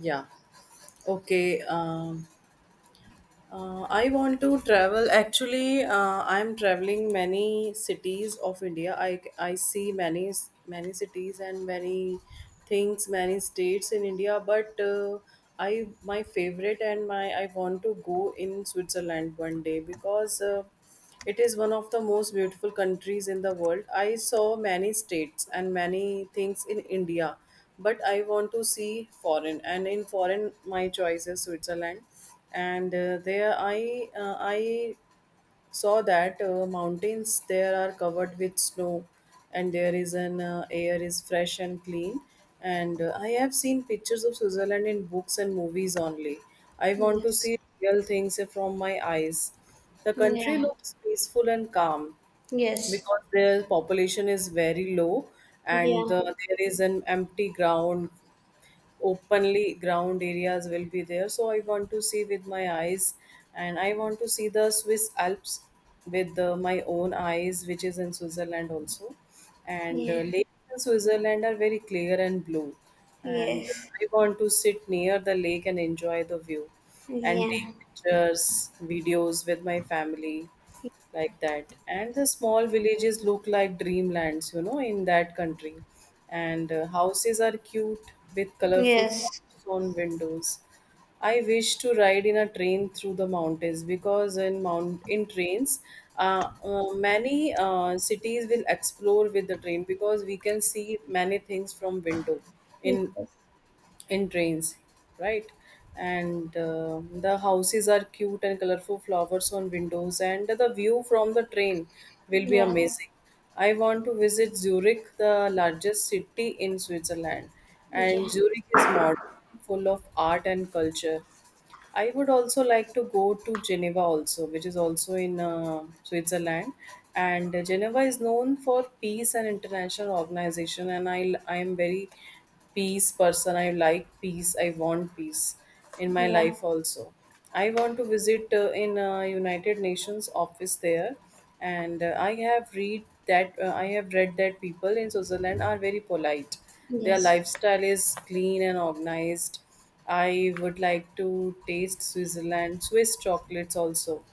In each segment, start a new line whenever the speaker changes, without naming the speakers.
Yeah. Okay. I want to travel. Actually, I'm traveling many cities of India. I see many cities and many things, many states in India. But I my favorite and my I want to go in Switzerland one day because it is one of the most beautiful countries in the world. I saw many states and many things in India, but I want to see foreign. And in foreign, my choice is Switzerland and there I I saw that mountains there are covered with snow, and there is an air is fresh and clean, and I have seen pictures of Switzerland in books and movies only. I want to
Yes.
see real things from my eyes. The country
Yeah.
looks peaceful and calm
Yes.
because their population is very low, and
Yeah.
there is an empty ground. Openly ground areas will be there, so I want to see with my eyes. And I want to see the Swiss Alps with my own eyes, which is in Switzerland also. And
Yeah.
lakes in Switzerland are very clear and blue, and
Yes.
I want to sit near the lake and enjoy the view and take
Yeah.
pictures, videos with my family like that. And the small villages look like dreamlands in that country. And houses are cute with colorful
Yes.
flowers on windows. I wish to ride in a train through the mountains, because in trains, many cities will explore with the train, because we can see many things from window in
Yes.
in trains, right? And the houses are cute and colorful flowers on windows, and the view from the train will be
Yeah.
amazing. I want to visit Zurich, the largest city in Switzerland,
Yeah.
and Zurich is modern, full of art and culture. I would also like to go to Geneva also, which is also in Switzerland. And Geneva is known for peace and international organization. And I am very peace person. I like peace. I want peace
Yeah.
in
Yes. Yeah.
my
Yeah.
life also. I want to visit in United Nations office there, and I have read that people in Switzerland are very polite. Their
Yes.
lifestyle is clean and organized. I would like to taste Switzerland Swiss chocolates also,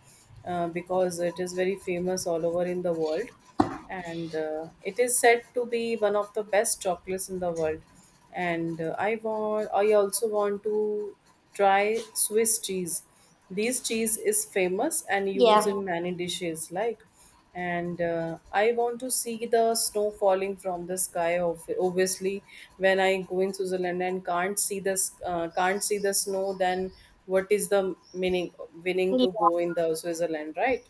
because it is very famous all over in the world, and it is said to be one of the best chocolates in the world. And I also want to try Swiss cheese. This cheese is famous and used
Yes.
in many dishes like. And I want to see the snow falling from the sky. Of obviously, when I go in Switzerland and can't see can't see the snow, then what is the meaning winning to go in the Switzerland, right?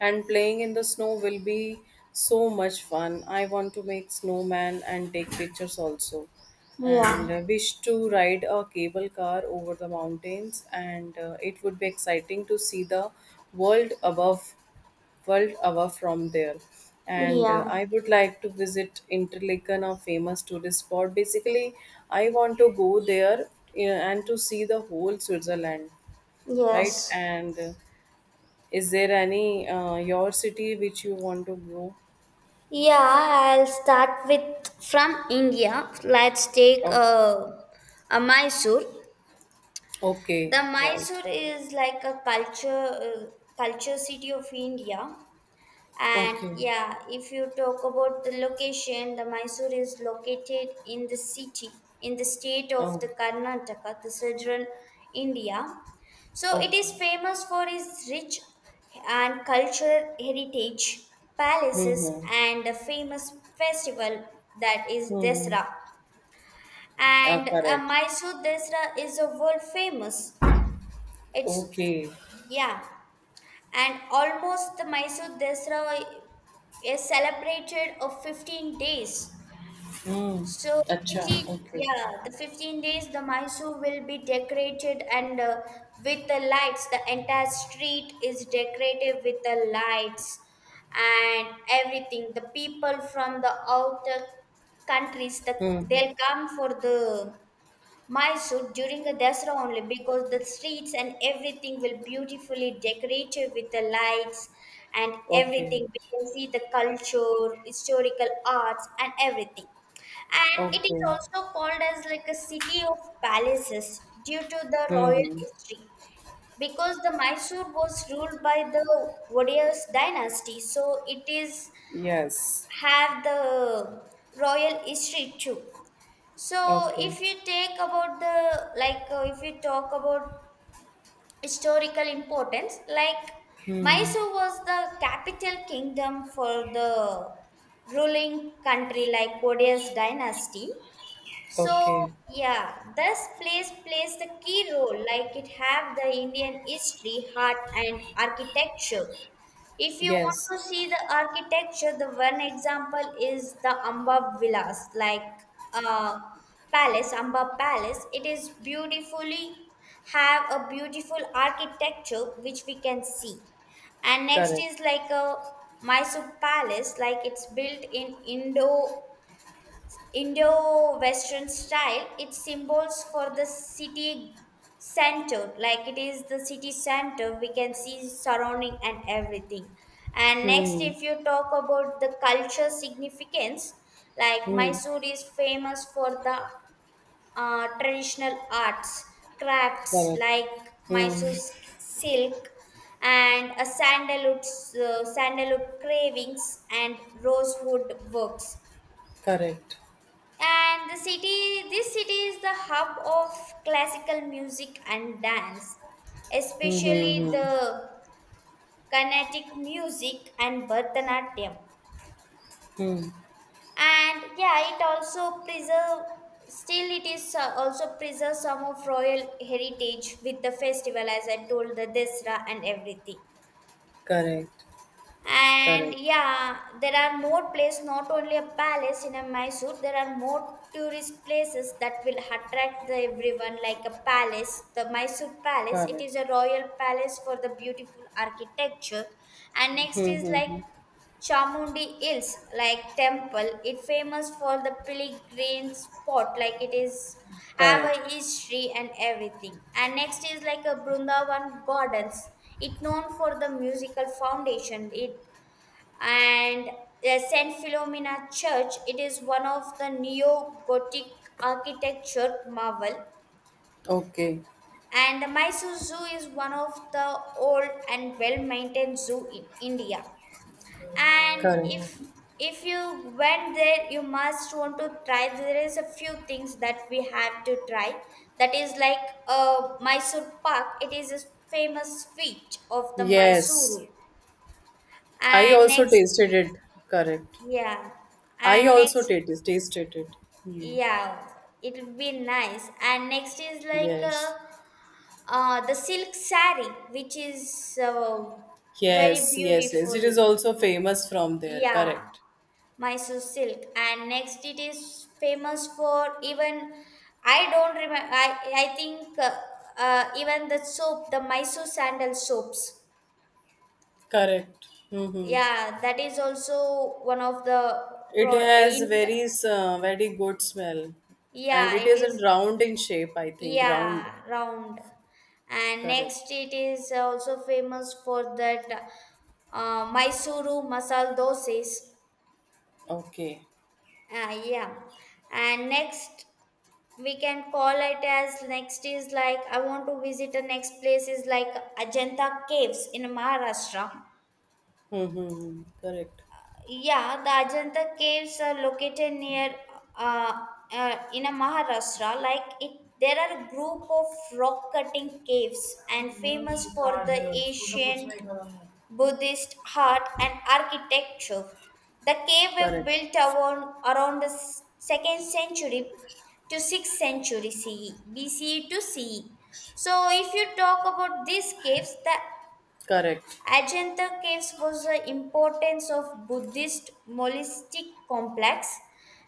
And playing in the snow will be so much fun. I want to make snowman and take pictures also. And
Yeah.
uh, wish to ride a cable car over the mountains, and it would be exciting to see the world above, world above from there. And
Yeah.
I would like to visit Interlaken, a famous tourist spot. Basically, I want to go there, and to see the whole Switzerland, right?
Yes.
And is there any your city which you want to go?
Yeah. I'll start with from India. Let's take
Oh,
a Mysore.
okay,
The
right.
Mysore is like a culture uh, culture city of India. And
Okay.
yeah, if you talk about the location, the Mysore is located in the city, in the state of
Oh,
the Karnataka, the central India. So it
okay.
is famous for its rich and cultural heritage, palaces,
Mm-hmm.
and a famous festival that is
Hmm.
Desra. And
Correct.
Mysore Desra is a world famous. It's
Okay.
yeah, and almost the Mysore Desra is celebrated of 15 days.
Hmm.
So
Acha.
15,
Okay.
yeah, the 15 days the Mysore will be decorated and with the lights, the entire street is decorated with the lights and everything. The people from the outer countries, the,
Hmm.
they'll come for the my suit during the Dasra only because the streets and everything will beautifully decorated with the lights and
Okay.
everything. We can see the culture, historical arts, and everything. And it is
Okay.
also called as like a city of palaces due to the royal
Hmm.
history because the Mysore was ruled by the Wadiyas dynasty, so it is
Yes.
have the royal history too. So,
Okay.
if you take about the like, if you talk about historical importance, like
Hmm.
Mysore was the capital kingdom for the ruling country, like Odeya's dynasty. So,
Okay.
yeah, this place plays the key role, like it have the Indian history, art, and architecture. If you want
Yes.
to see the architecture, the one example is the Amba Villas, like uh, palace, Amba Palace. It is beautifully have a beautiful architecture which we can see. And next
Correct.
is like a Mysore Palace, like it's built in Indo Western style, its symbols for the city center, like it is the city center, we can see surrounding and everything. And next,
Hmm.
if you talk about the culture significance, like
Hmm.
Mysore is famous for the traditional arts, crafts
Correct.
like
Hmm.
Silk and a sandalwood, sandalwood cravings and rosewood works
Correct.
and the city, this city is the hub of classical music and dance,
Hmm. Hmm.
especially
Hmm.
the Carnatic music and Bharatanatyam.
Hmm.
And yeah, it also preserve. Still, it is also preserve some of royal heritage with the festival, as I told the Desra and everything.
Correct.
And
Correct.
yeah, there are more places, not only a palace in a Mysore, there are more tourist places that will attract the everyone, like a palace, the Mysore Palace. It
Correct.
is a royal palace for the beautiful architecture. And next is like
Mm-hmm.
Chamundi Hills, like temple. It famous for the pilgrim spot, like it is have a
Correct.
history and everything. And next is like a Brundavan Gardens. It known for the musical foundation. It and Saint Philomena Church. It is one of the neo-Gothic architecture marvel,
Okay.
and the Mysore Zoo is one of the old and well-maintained zoo in India. And if
Correct.
if you went there, you must want to try. There is a few things that we have to try. That is like Mysore Park. It is a famous feat of the
Yes.
Mysuru.
I
And
also
next,
tasted it. Correct.
yeah.
I
And
also
next,
tasted it.
yeah, it would be nice. And next is like
Yes.
the silk sari, which is very
Yes, yes, yes.
beautiful.
It is also famous from there.
Yeah,
Correct.
Mysore silk. And next it is famous for even I don't remember. I think even the soap, the Mysore sandal soaps.
Correct. Mm-hmm.
Yeah, that is also one of the
It
pro
has
in.
very very good smell, and it
Yeah, it
is in
is.
round in shape. I think round.
Yeah, round. And next,
Correct.
it is also famous for that Mysuru masal doses.
Okay.
Yeah. And next, we can call it as next is like I want to visit the next place is like Ajanta Caves in Maharashtra.
Mm-hmm. Correct.
Yeah, the Ajanta caves are located near uh, in a Maharashtra. Like it, there are group of rock cutting caves and famous for the ancient Buddhist art and architecture. The cave were
Correct.
built around the second century to sixth century CE, to CE. So if you talk about these caves, the
Correct.
Ajanta caves was the importance of Buddhist monastic complex.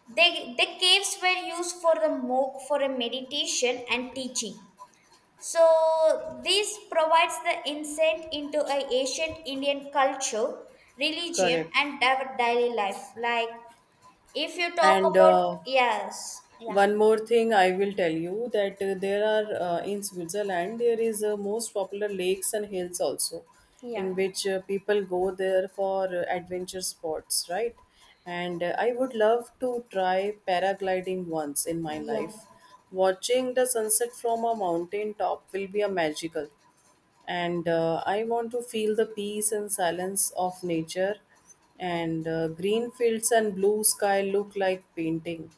They, the caves were used for the monk for a meditation and teaching. So this provides the insight into a ancient Indian culture, religion,
Correct.
and our daily life. Like if you talk
and
about
uh,
yes, yeah,
one more thing I will tell you that there are in Switzerland there is most popular lakes and hills also,
yeah,
in which people go there for adventure sports, right? And I would love to try paragliding once in my
yeah,
life. Watching the sunset from a mountain top will be a magical, and I want to feel the peace and silence of nature. And green fields and blue sky look like painting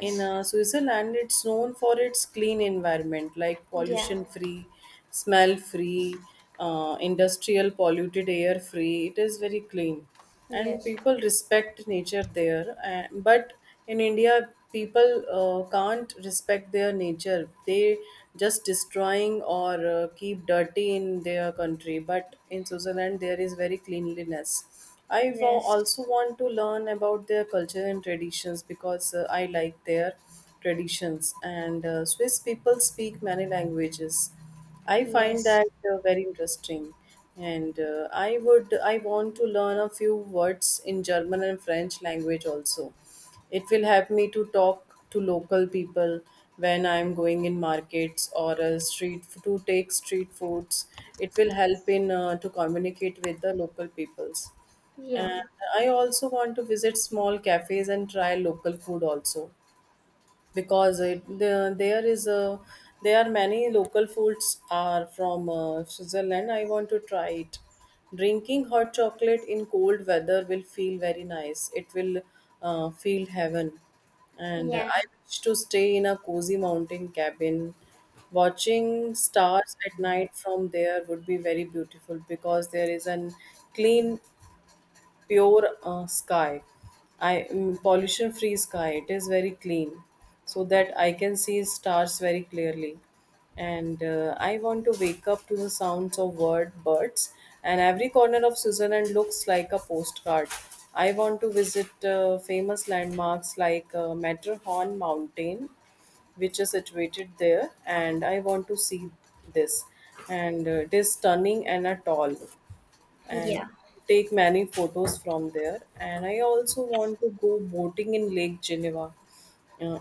in Switzerland. It's known for its clean environment, like
yeah,
pollution free, smell free, industrial polluted air free. It is very clean, and
yes,
people respect nature there. And, but in India, people can't respect their nature. They just destroying or keep dirty in their country. But in Switzerland, there is very cleanliness.
yes,
Also want to learn about their culture and traditions, because I like their traditions. And Swiss people speak many languages. I find
yes,
that very interesting. And I want to learn a few words in German and French language also. It will help me to talk to local people when I'm going in markets or a street to take street foods. It will help in to communicate with the local peoples.
yeah,
And I also want to visit small cafes and try local food also, because it, the, there is a there are many local foods are from Switzerland. I want to try it. Drinking hot chocolate in cold weather will feel very nice. It will feel heaven. And I
yeah.
wish to stay in a cozy mountain cabin. Watching stars at night from there would be very beautiful, because there is an clean pure sky. Pollution free sky. It is very clean, so that I can see stars very clearly. And I want to wake up to the sounds of birds, and every corner of Switzerland looks like a postcard. I want to visit famous landmarks like Matterhorn Mountain, which is situated there, and I want to see this, and it is stunning and a tall, and
Yeah.
take many photos from there. And I also want to go boating in Lake Geneva. Uh,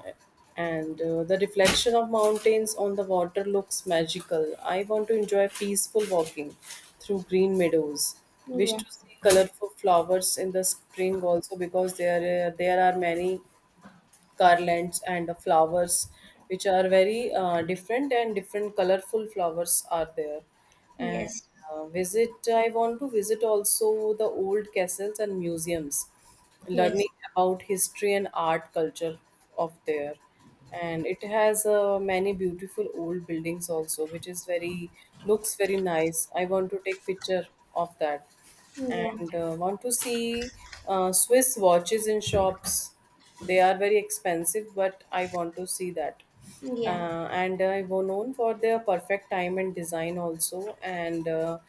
and the reflection of mountains on the water looks magical. I want to enjoy peaceful walking through green meadows. Wish
Yeah.
to see colorful flowers in the spring also, because there are many garlands and flowers, which are very different colorful flowers are there, and
Yes.
visit I want to visit also the old castles and museums,
Yes.
learning about history and art culture of there. And it has many beautiful old buildings also, which is very looks very nice. I want to take picture of that,
Yeah.
and want to see Swiss watches in shops. They are very expensive, but I want to see that.
Yeah.
And I were known for their perfect time and design also, and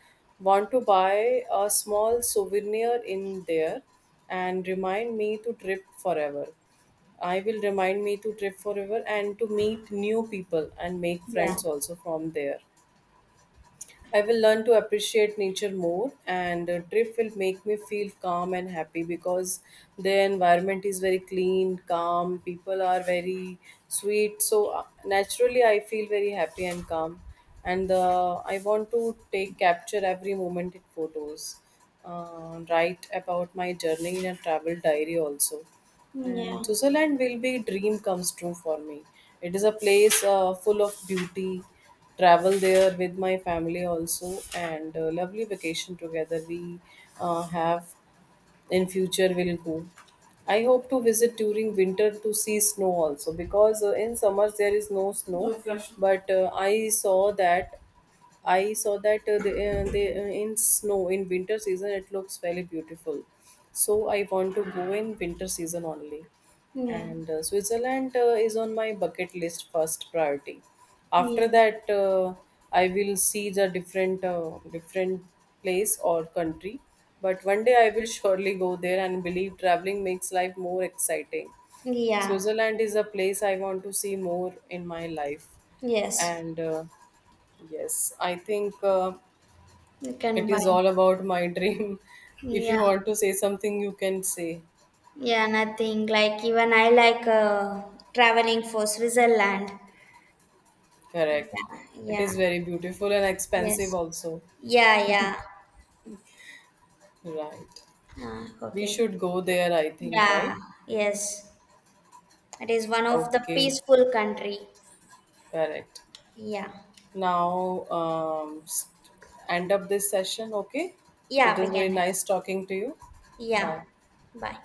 want to buy a small souvenir in there and remind me to trip forever. I will remind me to trip forever and to meet new people and make
Yeah.
friends also from there. I will learn to appreciate nature more, and a trip will make me feel calm and happy, because the environment is very clean, calm, people are very sweet. So, naturally, I feel very happy and calm. And I want to take capture every moment in photos, write about my journey in a travel diary also.
Yeah.
And Switzerland will be dream comes true for me. It is a place full of beauty. Travel there with my family also, and lovely vacation together we have in future will go. I hope to visit during winter to see snow also, because in summers there is no snow. No flush. But I saw that in snow in winter season it looks very beautiful. So I want to go in winter season only.
Yeah.
And Switzerland is on my bucket list first priority.
Yeah.
After that, I will see the different place or country. But one day I will surely go there and believe traveling makes life more exciting.
Yeah.
Switzerland is a place I want to see more in my life,
Yes.
and. Yes, I think
You can
it
buy.
is all about my dream. If you
Yeah.
want to say something, you can say.
Yeah, nothing. Like even I like traveling for Switzerland. Yeah.
Correct. It
Yeah.
is very beautiful and expensive,
Yes.
also.
Yeah, yeah.
Right.
Ah,
We
okay.
should go there, I think, right?
Yeah. Yes. It is one of the
Okay.
peaceful country.
Correct.
Yeah.
Now, end up this session, okay? It
Yeah, we
is very
can.
nice talking to you.
Yeah.
Bye.
Bye.